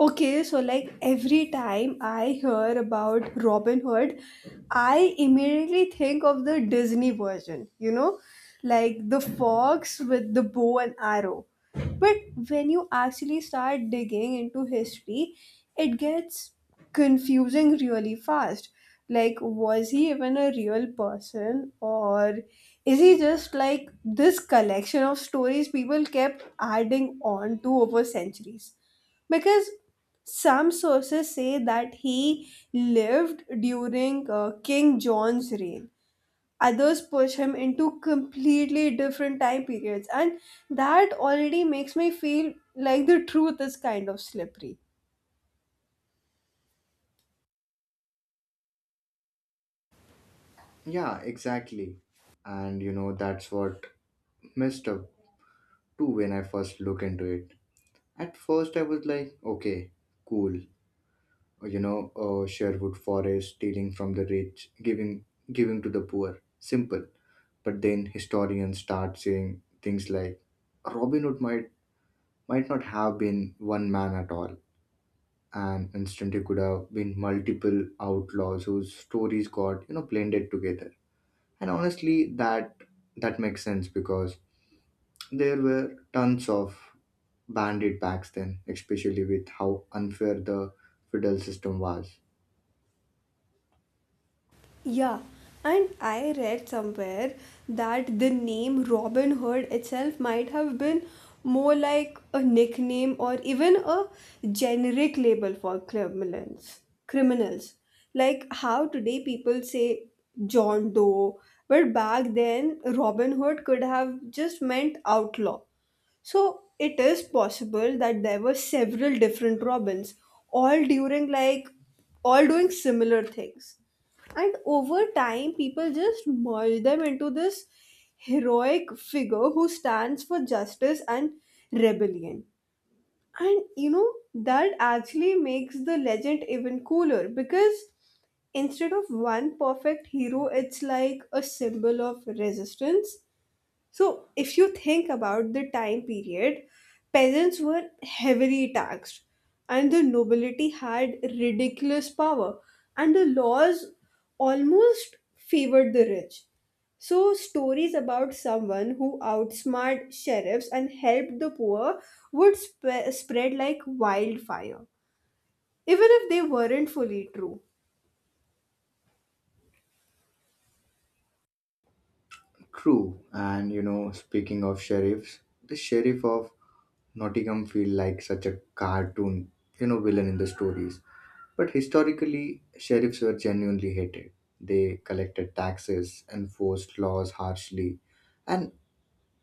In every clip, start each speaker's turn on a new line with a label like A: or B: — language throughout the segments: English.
A: Okay, so like every time I hear about Robin Hood, I immediately think of the Disney version, you know, like the fox with the bow and arrow. But when you actually start digging into history, it gets confusing really fast. Like, was he even a real person, or is he just like this collection of stories people kept adding on to over centuries? Because some sources say that he lived during King John's reign. Others push him into completely different time periods, and that already makes me feel like the truth is kind of slippery.
B: Yeah, exactly. And you know, that's what messed up too when I first look into it. At first, I was like, okay, cool. Sherwood Forest stealing from the rich, giving to the poor. Simple. But then historians start saying things like Robin Hood might not have been one man at all, and instantly could have been multiple outlaws whose stories got blended together. And honestly, that makes sense because there were tons of bandit backs then, especially with how unfair the feudal system was.
A: Yeah, and I read somewhere that the name Robin Hood itself might have been more like a nickname or even a generic label for criminals. Criminals. Like how today people say John Doe, but back then Robin Hood could have just meant outlaw. So it is possible that there were several different Robins, all during like all doing similar things. And over time, people just merge them into this heroic figure who stands for justice and rebellion. And you know, that actually makes the legend even cooler because instead of one perfect hero, it's like a symbol of resistance. So, if you think about the time period, peasants were heavily taxed, and the nobility had ridiculous power, and the laws almost favored the rich. So, stories about someone who outsmarted sheriffs and helped the poor would spread like wildfire, even if they weren't fully true.
B: True, and you know, speaking of sheriffs, the sheriff of Nottingham feel like such a cartoon, you know, villain in the stories. But historically, sheriffs were genuinely hated. They collected taxes, enforced laws harshly, and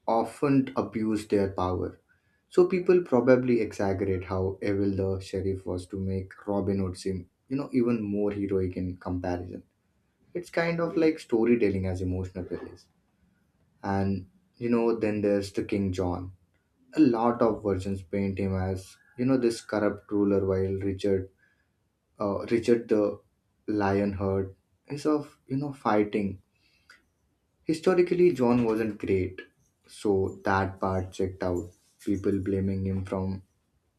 B: often abused their power. So people probably exaggerate how evil the sheriff was to make Robin Hood seem, you know, even more heroic in comparison. It's kind of like storytelling as emotional release. And you know, then there's the King John. A lot of versions paint him as, you know, this corrupt ruler while Richard the Lionheart is of, you know, fighting. Historically John wasn't great. So that part checked out. People blaming him from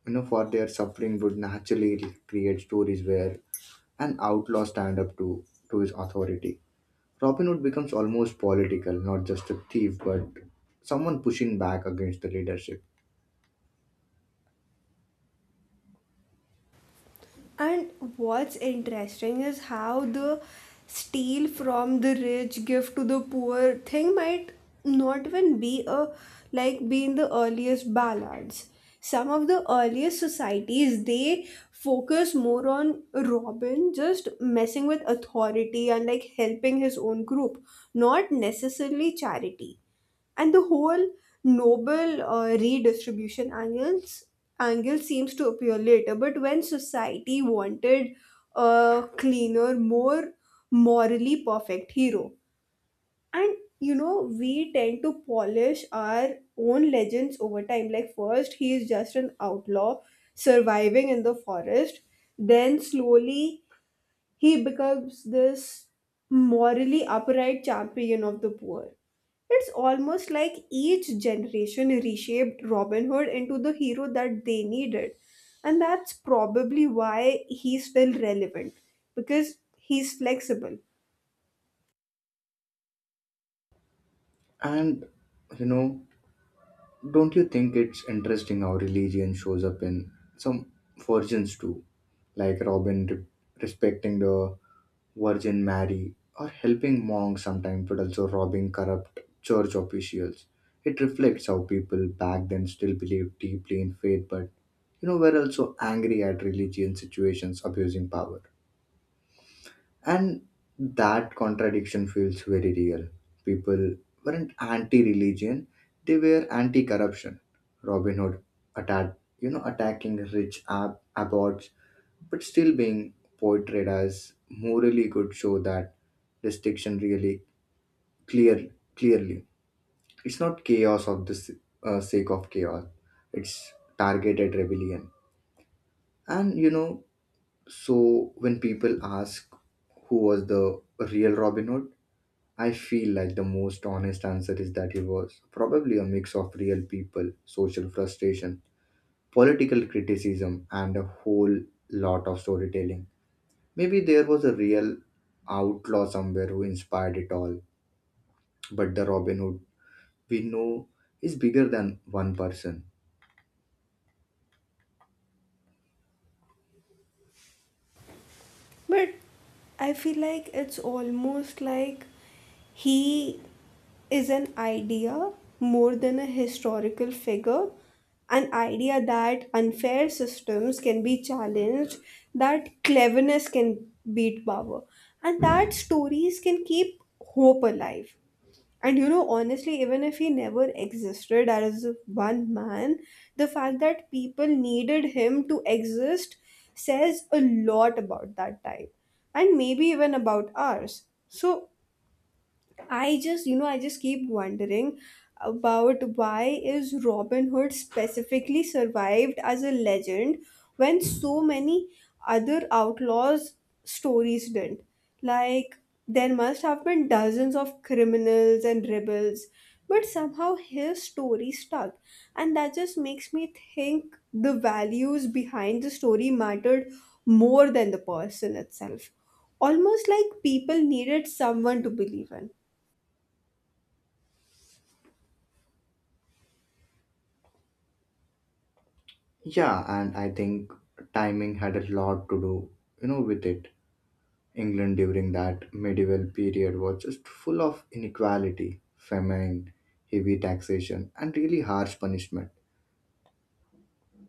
B: you know for their suffering would naturally create stories where an outlaw stand up to his authority. Robin Hood becomes almost political, not just a thief but someone pushing back against the leadership.
A: And what's interesting is how the steal from the rich, give to the poor thing might not even be a like be in the earliest ballads. Some of the earliest societies they focus more on Robin just messing with authority and like helping his own group, not necessarily charity. And the whole noble redistribution angle seems to appear later, but when society wanted a cleaner, more morally perfect hero. And you know, we tend to polish our own legends over time. Like first he is just an outlaw surviving in the forest, then slowly he becomes this morally upright champion of the poor. It's almost like each generation reshaped Robin Hood into the hero that they needed. And that's probably why he's still relevant, because he's flexible.
B: And you know, don't you think it's interesting how religion shows up in some versions too, like Robin respecting the Virgin Mary or helping monks sometimes, but also robbing corrupt church officials? It reflects how people back then still believed deeply in faith, but you know, were also angry at religion situations abusing power. And that contradiction feels very real. People weren't anti-religion, they were anti-corruption. Robin Hood attacked, you know, attacking rich abbots, but still being portrayed as morally good show that distinction really clear clearly. It's not chaos of the sake of chaos. It's targeted rebellion. And you know, so when people ask who was the real Robin Hood, I feel like the most honest answer is that he was probably a mix of real people, social frustration, political criticism, and a whole lot of storytelling. Maybe there was a real outlaw somewhere who inspired it all, but the Robin Hood we know is bigger than one person.
A: But I feel like it's almost like he is an idea more than a historical figure, an idea that unfair systems can be challenged, that cleverness can beat power, and that stories can keep hope alive. And you know, honestly, even if he never existed as one man, the fact that people needed him to exist says a lot about that time and maybe even about ours. So, I just keep wondering about why is Robin Hood specifically survived as a legend when so many other outlaws stories didn't. Like there must have been dozens of criminals and rebels, but somehow his story stuck. And that just makes me think the values behind the story mattered more than the person itself. Almost like people needed someone to believe in.
B: Yeah, and I think timing had a lot to do, you know, with it. England during that medieval period was just full of inequality, famine, heavy taxation, and really harsh punishment.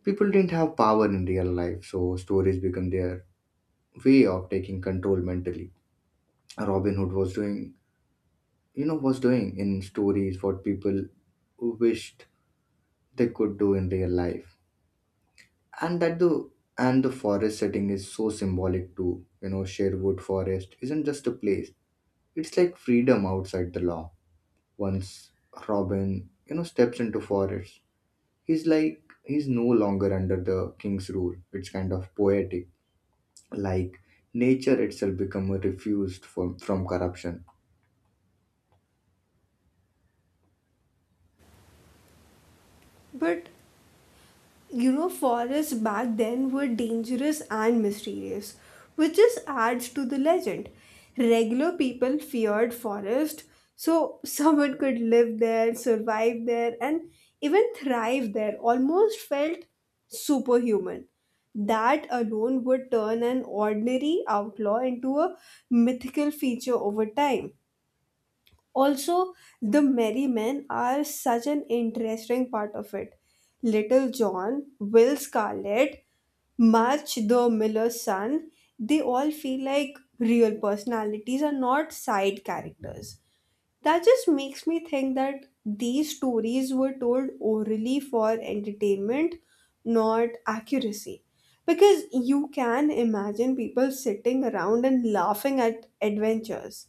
B: People didn't have power in real life, so stories become their way of taking control mentally. Robin Hood was doing, you know, was doing in stories what people wished they could do in real life. And that the and the forest setting is so symbolic too. You know, Sherwood Forest isn't just a place; it's like freedom outside the law. Once Robin, you know, steps into forest, he's no longer under the king's rule. It's kind of poetic, like nature itself become a refused from corruption.
A: But you know, forests back then were dangerous and mysterious, which just adds to the legend. Regular people feared forest, so someone could live there, survive there, and even thrive there. Almost felt superhuman. That alone would turn an ordinary outlaw into a mythical feature over time. Also, the Merry Men are such an interesting part of it. Little John, Will Scarlet, March the Miller's son, they all feel like real personalities and not side characters. That just makes me think that these stories were told orally for entertainment, not accuracy. Because you can imagine people sitting around and laughing at adventures.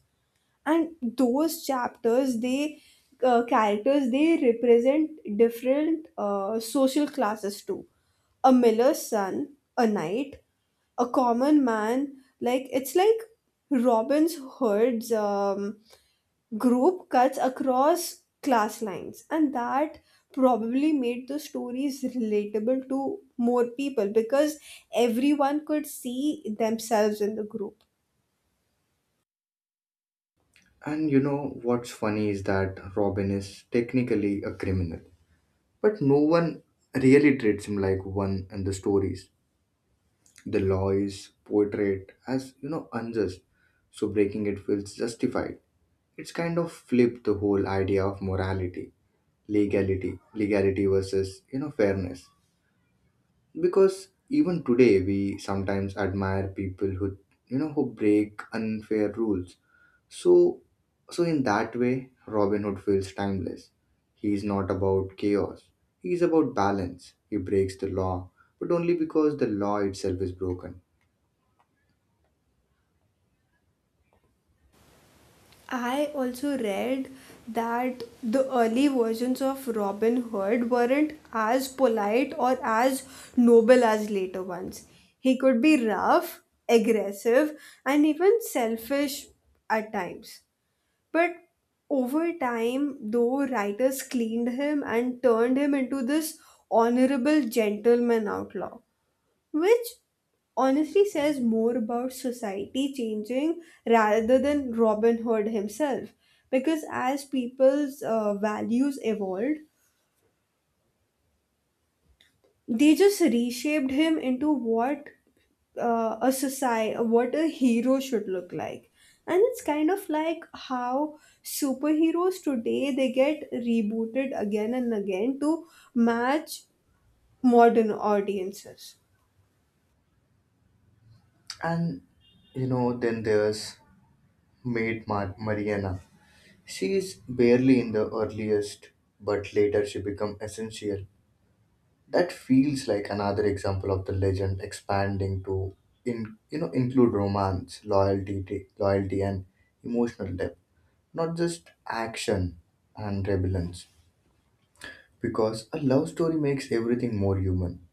A: And those chapters they characters they represent different social classes too: a miller's son, a knight, a common man. Like it's like Robin's Hood's group cuts across class lines, and that probably made the stories relatable to more people because everyone could see themselves in the group.
B: And you know what's funny is that Robin is technically a criminal, but no one really treats him like one in the stories. The law is portrayed as you know unjust, so breaking it feels justified. It's kind of flipped the whole idea of morality. Legality versus you know fairness, because even today we sometimes admire people who you know who break unfair rules. So so in that way Robin Hood feels timeless. He is not about chaos, he is about balance. He breaks the law, but only because the law itself is broken.
A: I also read that the early versions of Robin Hood weren't as polite or as noble as later ones. He could be rough, aggressive, and even selfish at times. But over time, though, writers cleaned him and turned him into this honorable gentleman outlaw, which honestly says more about society changing rather than Robin Hood himself. Because as people's values evolved, they just reshaped him into what what a hero should look like. And it's kind of like how superheroes today they get rebooted again and again to match modern audiences.
B: And you know, then there's maid Mariana. She is barely in the earliest but later she become essential. That feels like another example of the legend expanding to in you know include romance, loyalty, loyalty and emotional depth, not just action and rebellion. Because a love story makes everything more human.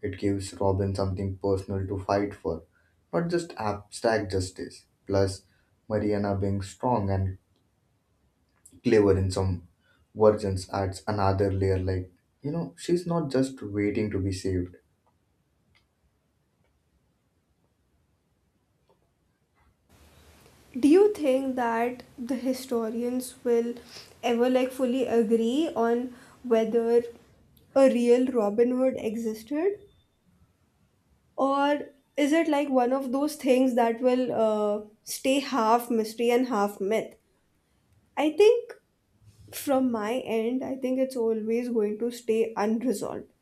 B: It gives Robin something personal to fight for, not just abstract justice. Plus, Mariana being strong and clever in some versions adds another layer like, you know, she's not just waiting to be saved.
A: Do you think that the historians will ever like fully agree on whether a real Robin Hood existed? Or is it like one of those things that will stay half mystery and half myth? I think from my end, I think it's always going to stay unresolved.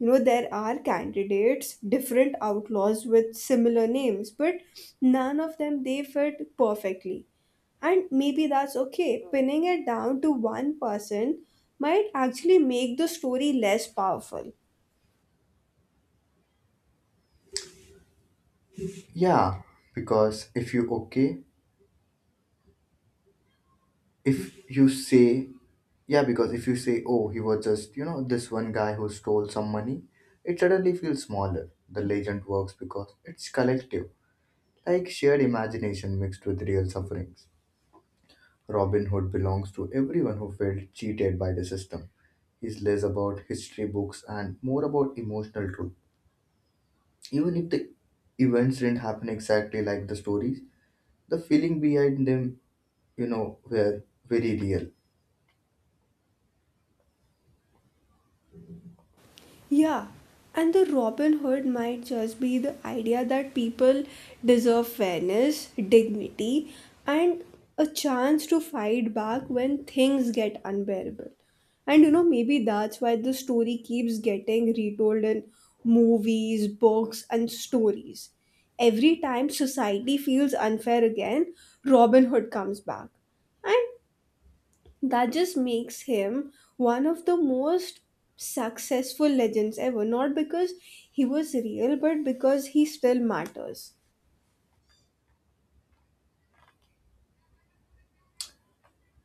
A: You know, there are candidates, different outlaws with similar names, but none of them they fit perfectly. And maybe that's okay. Pinning it down to one person might actually make the story less powerful.
B: Yeah, because if you okay, if you say, yeah, because if you say, oh, he was just, you know, this one guy who stole some money, it suddenly feels smaller. The legend works because it's collective, like shared imagination mixed with real sufferings. Robin Hood belongs to everyone who felt cheated by the system. He's less about history books and more about emotional truth. Even if the events didn't happen exactly like the stories, the feeling behind them you know, were very real.
A: Yeah, and the Robin Hood might just be the idea that people deserve fairness, dignity, and a chance to fight back when things get unbearable. And you know, maybe that's why the story keeps getting retold in movies, books, and stories. Every time society feels unfair again, Robin Hood comes back. And that just makes him one of the most successful legends ever. Not because he was real, but because he still matters.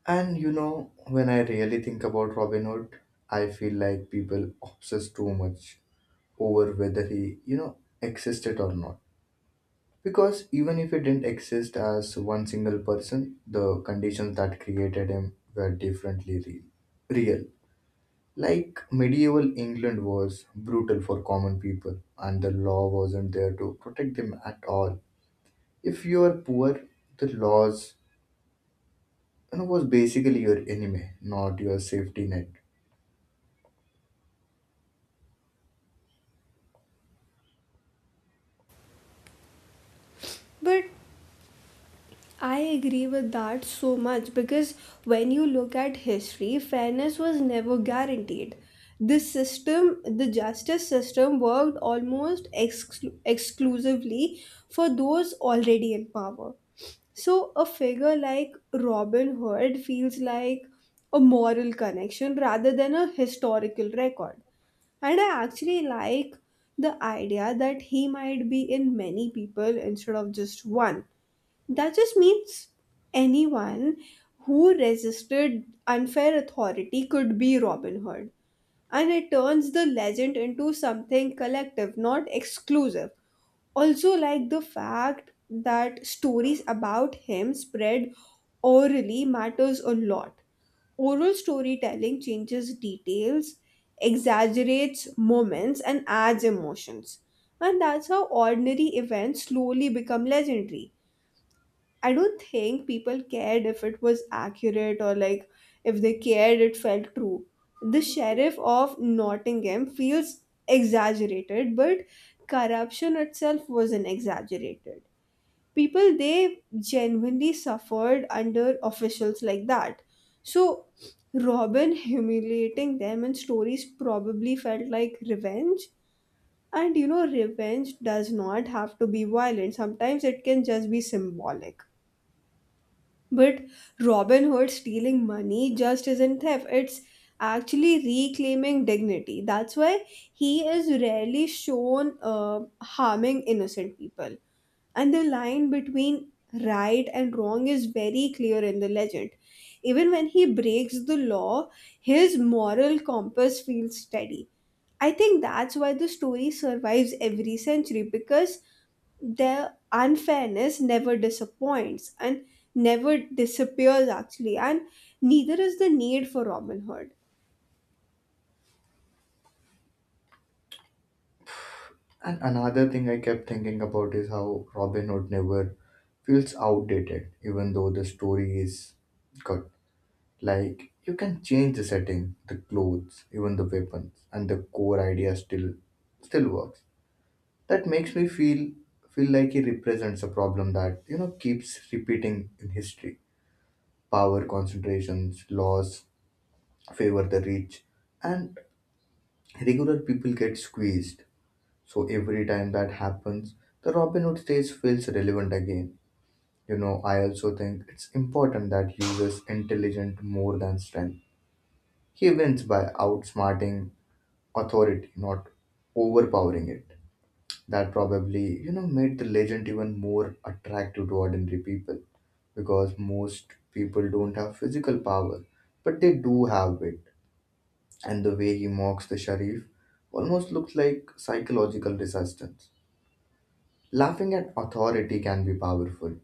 B: And you know, when I really think about Robin Hood, I feel like people obsess too much over whether he, you know, existed or not. Because even if he didn't exist as one single person, the conditions that created him were differently real. Real. Like medieval England was brutal for common people, and the law wasn't there to protect them at all. If you are poor, the laws you know, was basically your enemy, not your safety net.
A: But I agree with that so much because when you look at history, fairness was never guaranteed. The system, the justice system, worked almost exclusively for those already in power. So a figure like Robin Hood feels like a moral connection rather than a historical record. And I actually like the idea that he might be in many people instead of just one. That just means anyone who resisted unfair authority could be Robin Hood. And it turns the legend into something collective, not exclusive. Also, like the fact that stories about him spread orally matters a lot. Oral storytelling changes details, exaggerates moments, and adds emotions. And that's how ordinary events slowly become legendary. I don't think people cared if it was accurate, or like if they cared, it felt true. The sheriff of Nottingham feels exaggerated, but corruption itself wasn't exaggerated. People they genuinely suffered under officials like that. So, Robin humiliating them in stories probably felt like revenge. And you know, revenge does not have to be violent, sometimes it can just be symbolic. But Robin Hood stealing money just isn't theft, it's actually reclaiming dignity. That's why he is rarely shown harming innocent people. And the line between right and wrong is very clear in the legend. Even when he breaks the law, his moral compass feels steady. I think that's why the story survives every century, because their unfairness never disappoints and never disappears actually, and neither is the need for Robin Hood.
B: And another thing I kept thinking about is how Robin Hood never feels outdated, even though the story is good. Like, you can change the setting, the clothes, even the weapons, and the core idea still works. That makes me feel like he represents a problem that, you know, keeps repeating in history. Power concentrations, laws favor the rich, and regular people get squeezed. So every time that happens, the Robin Hood stage feels relevant again. You know, I also think it's important that uses intelligent more than strength. He wins by outsmarting authority, not overpowering it. That probably, you know, made the legend even more attractive to ordinary people because most people don't have physical power, but they do have it. And the way he mocks the Sharif almost looks like psychological resistance. Laughing at authority can be powerful.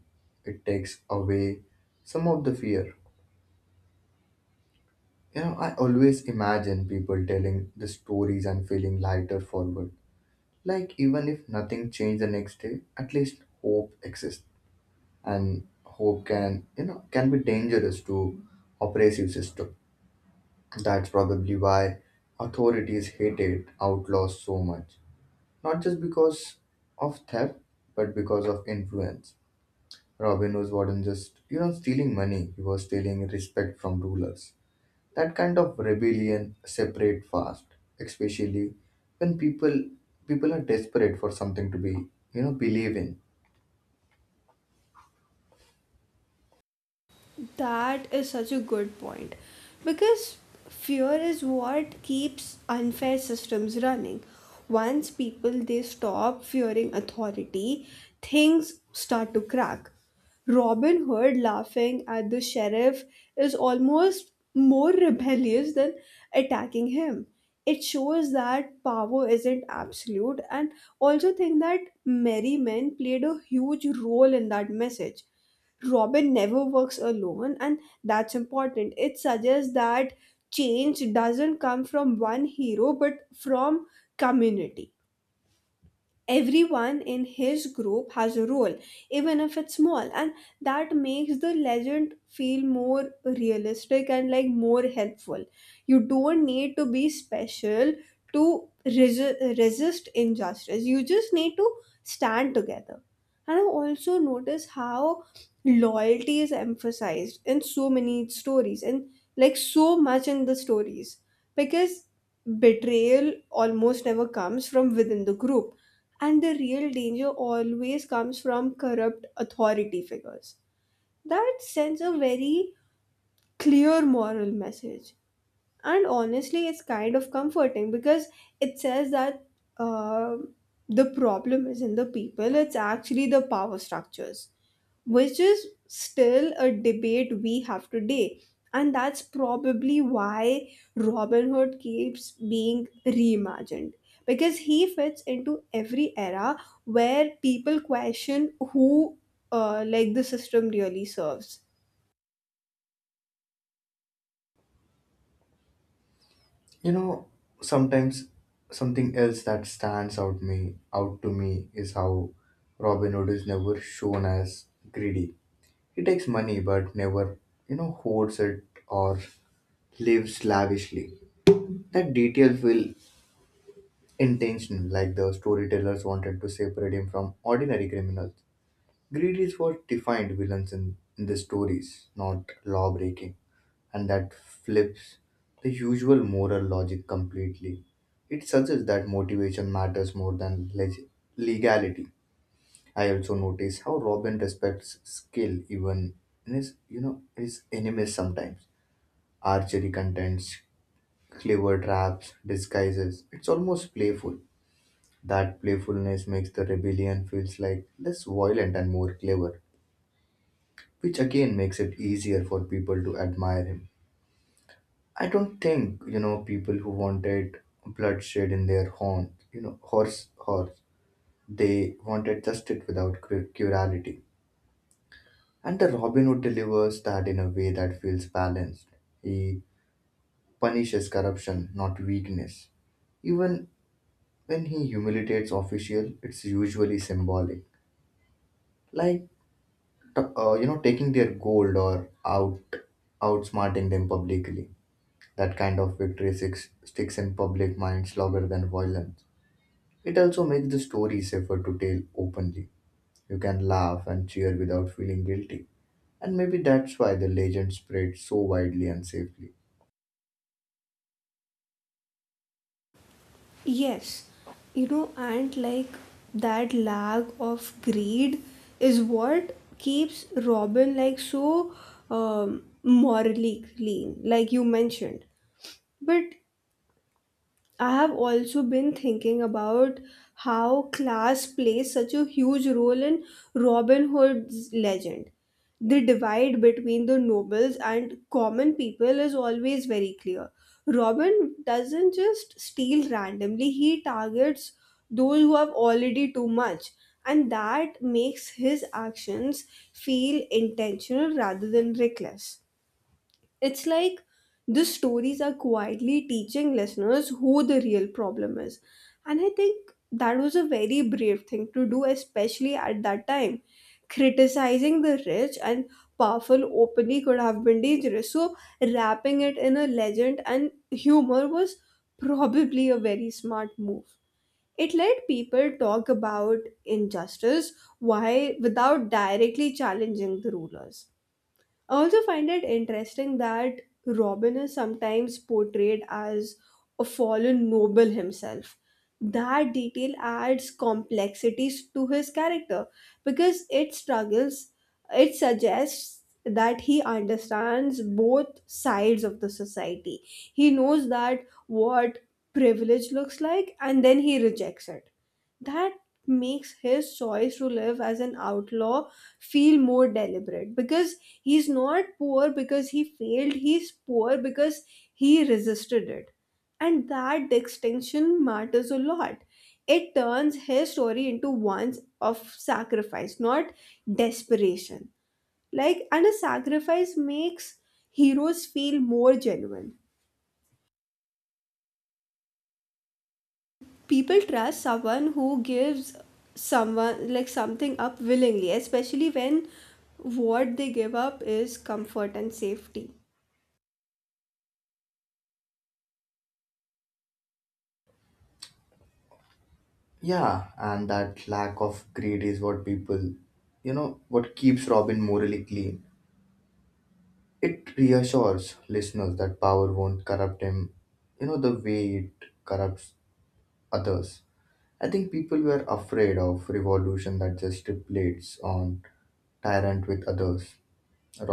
B: It takes away some of the fear. You know, I always imagine people telling the stories and feeling lighter forward. Like, even if nothing changed the next day, at least hope exists. And hope can, you know, can be dangerous to oppressive system. That's probably why authorities hated outlaws so much. Not just because of theft, but because of influence. Robin Hood wasn't just, you know, stealing money, he was stealing respect from rulers. That kind of rebellion separate fast, especially when people are desperate for something to be, you know, believe in.
A: That is such a good point. Because fear is what keeps unfair systems running. Once people they stop fearing authority, things start to crack. Robin Hood laughing at the sheriff is almost more rebellious than attacking him. It shows that power isn't absolute. And also think that Merry Men played a huge role in that message. Robin never works alone, and that's important. It suggests that change doesn't come from one hero but from community. Everyone in his group has a role, even if it's small, and that makes the legend feel more realistic and like more helpful. You don't need to be special to resist injustice, you just need to stand together. And I also notice how loyalty is emphasized in so many stories, and like so much in the stories, because betrayal almost never comes from within the group, and the real danger always comes from corrupt authority figures. That sends a very clear moral message. And honestly, it's kind of comforting because it says that uh, the problem isn't the people, it's actually the power structures, which is still a debate we have today. And that's probably why Robin Hood keeps being reimagined. Because he fits into every era where people question who, the system really serves.
B: You know, sometimes something else that stands out to me is how Robin Hood is never shown as greedy. He takes money but never, you know, hoards it or lives lavishly. That detail will intentional, like the storytellers wanted to separate him from ordinary criminals. Greed is what defined villains in the stories, not law breaking, and that flips the usual moral logic completely. It suggests that motivation matters more than legality. I also notice how Robin respects skill even in his, you know, his enemies sometimes. Archery contents, clever traps, disguises. It's almost playful. That playfulness makes the rebellion feels like less violent and more clever, which again makes it easier for people to admire him. I don't think, you know, people who wanted bloodshed in their horn, you know, horse, horse, they wanted justice without cruelty. And the Robin Hood delivers that in a way that feels balanced. He punishes corruption, not weakness. Even when he humiliates official, it's usually symbolic. Like you know taking their gold or outsmarting them publicly. That kind of victory sticks in public minds longer than violence. It also makes the story safer to tell openly. You can laugh and cheer without feeling guilty, and maybe that's why the legend spread so widely and safely.
A: Yes, you know, and like that lag of greed is what keeps Robin like so morally clean, like you mentioned. But I have also been thinking about how class plays such a huge role in Robin Hood's legend. The divide between the nobles and common people is always very clear. Robin doesn't just steal randomly, he targets those who have already too much, and that makes his actions feel intentional rather than reckless. It's like the stories are quietly teaching listeners who the real problem is. And I think that was a very brave thing to do, especially at that time. Criticizing the rich and powerful openly could have been dangerous. So, wrapping it in a legend and humor was probably a very smart move. It let people talk about injustice why without directly challenging the rulers. I also find it interesting that Robin is sometimes portrayed as a fallen noble himself. That detail adds complexities to his character because it struggles, it suggests that he understands both sides of the society. He knows that what privilege looks like, and then he rejects it. That makes his choice to live as an outlaw feel more deliberate, because he's not poor because he failed, he's poor because he resisted it, and that distinction matters a lot. It turns his story into one of sacrifice, not desperation. And a sacrifice makes heroes feel more genuine. People trust someone who gives someone like something up willingly, especially when what they give up is comfort and safety.
B: Yeah, and that lack of greed is what people you know what keeps Robin morally clean. It reassures listeners that power won't corrupt him, you know, the way it corrupts others. I think people were afraid of revolution that just plates on tyrant with others.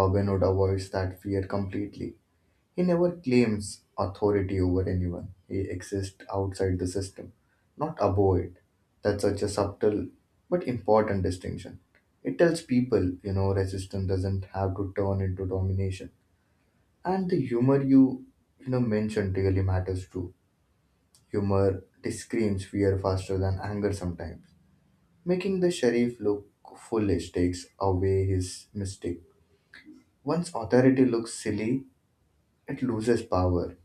B: Robin Hood avoids that fear completely. He never claims authority over anyone. He exists outside the system, not above it. That's such a subtle but important distinction. It tells people, you know, resistance doesn't have to turn into domination. And the humor you, you know, mentioned really matters too. Humor screams fear faster than anger sometimes, making the sheriff look foolish takes away his mystique. Once authority looks silly, it loses power.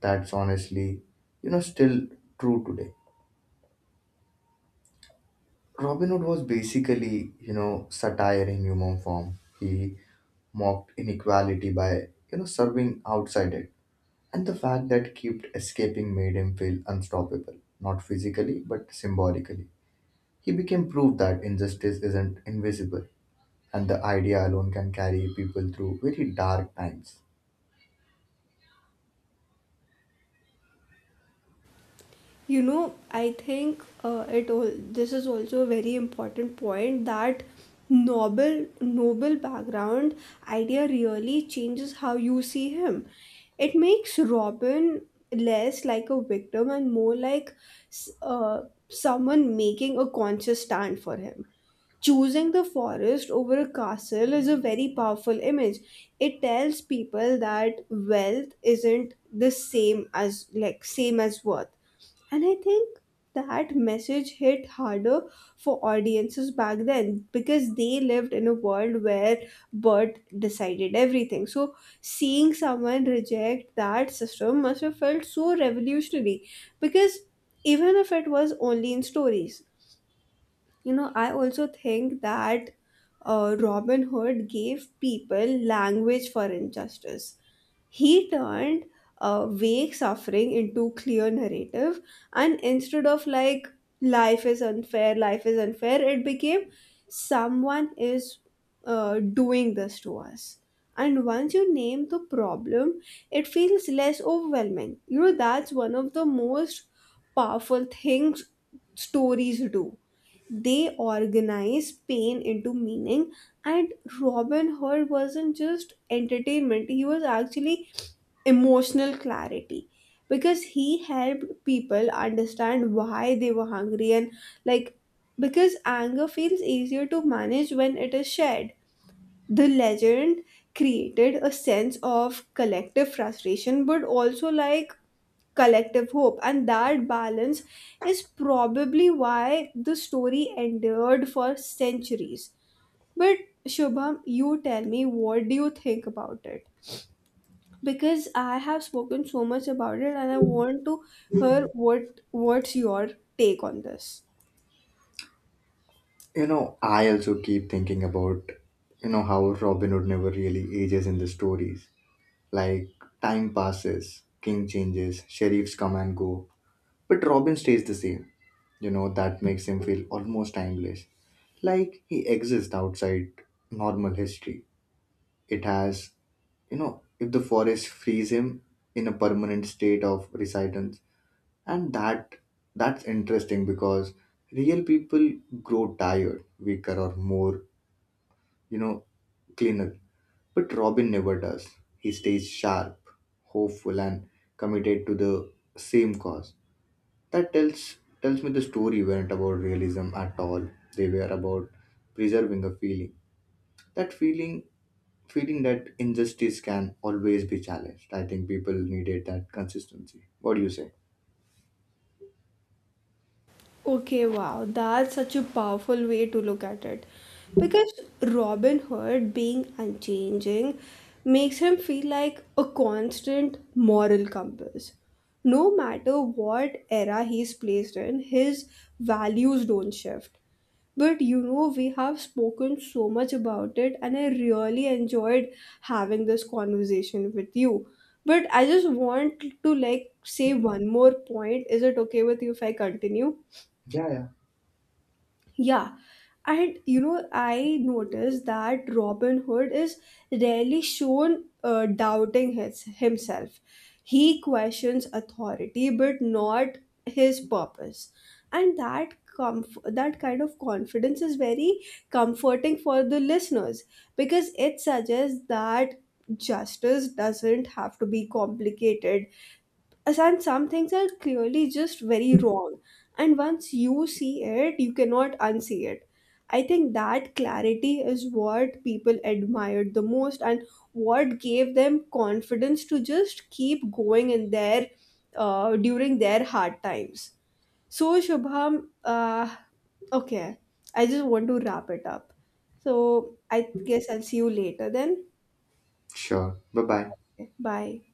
B: That's honestly, you know, still true today. Robin Hood was basically, you know, satire in human form. He mocked inequality by, you know, serving outside it. And the fact that kept escaping made him feel unstoppable, not physically, but symbolically. He became proof that injustice isn't invisible, and the idea alone can carry people through very dark times.
A: You know, I think it all this is also a very important point, that noble background idea really changes how you see him. It makes Robin less like a victim and more like s- uh, someone making a conscious stand for him. Choosing the forest over a castle is a very powerful image. It tells people that wealth isn't the same as like same as worth. And I think that message hit harder for audiences back then, because they lived in a world where birth decided everything. So seeing someone reject that system must have felt so revolutionary, because even if it was only in stories. You know, I also think that Robin Hood gave people language for injustice. He turned vague suffering into clear narrative, and instead of "life is unfair, life is unfair," it became "someone is doing this to us." And once you name the problem, it feels less overwhelming. You know, that's one of the most powerful things stories do: they organize pain into meaning. And Robin Hood wasn't just entertainment, he was actually emotional clarity, because he helped people understand why they were hungry. And like Because anger feels easier to manage when it is shared, the legend created a sense of collective frustration, but also collective hope, and that balance is probably why the story endured for centuries. But Shubham, you tell me, what do you think about it? Because I have spoken so much about it, and I want to hear what's your take on this.
B: You know, I also keep thinking about, you know, how Robin Hood never really ages in the stories. Like, time passes, king changes, sheriffs come and go, but Robin stays the same. You know, that makes him feel almost timeless. Like, he exists outside normal history. It has you know, if the forest frees him in a permanent state of residence, and that's interesting because real people grow tired weaker or more you know cleaner, but Robin never does. He stays sharp, hopeful and committed to the same cause. That tells me the story weren't about realism at all. They were about preserving a feeling, that feeling that injustice can always be challenged. I think people needed that consistency. What do you say?
A: Okay, wow, that's such a powerful way to look at it. Because Robin Hood being unchanging makes him feel like a constant moral compass. No matter what era he's placed in, his values don't shift. But you know, we have spoken so much about it, and I really enjoyed having this conversation with you. But I just want to say one more point. Is it okay with you if I continue?
B: Yeah, yeah.
A: Yeah. And you know, I noticed that Robin Hood is rarely shown doubting himself. He questions authority, but not his purpose. And that that kind of confidence is very comforting for the listeners, because it suggests that justice doesn't have to be complicated. And some things are clearly just very wrong, and once you see it, you cannot unsee it. I think that clarity is what people admired the most, and what gave them confidence to just keep going in their during their hard times. So Shubham, uh, okay, I just want to wrap it up. So I guess I'll see you later then.
B: Sure, bye bye.
A: Okay, bye.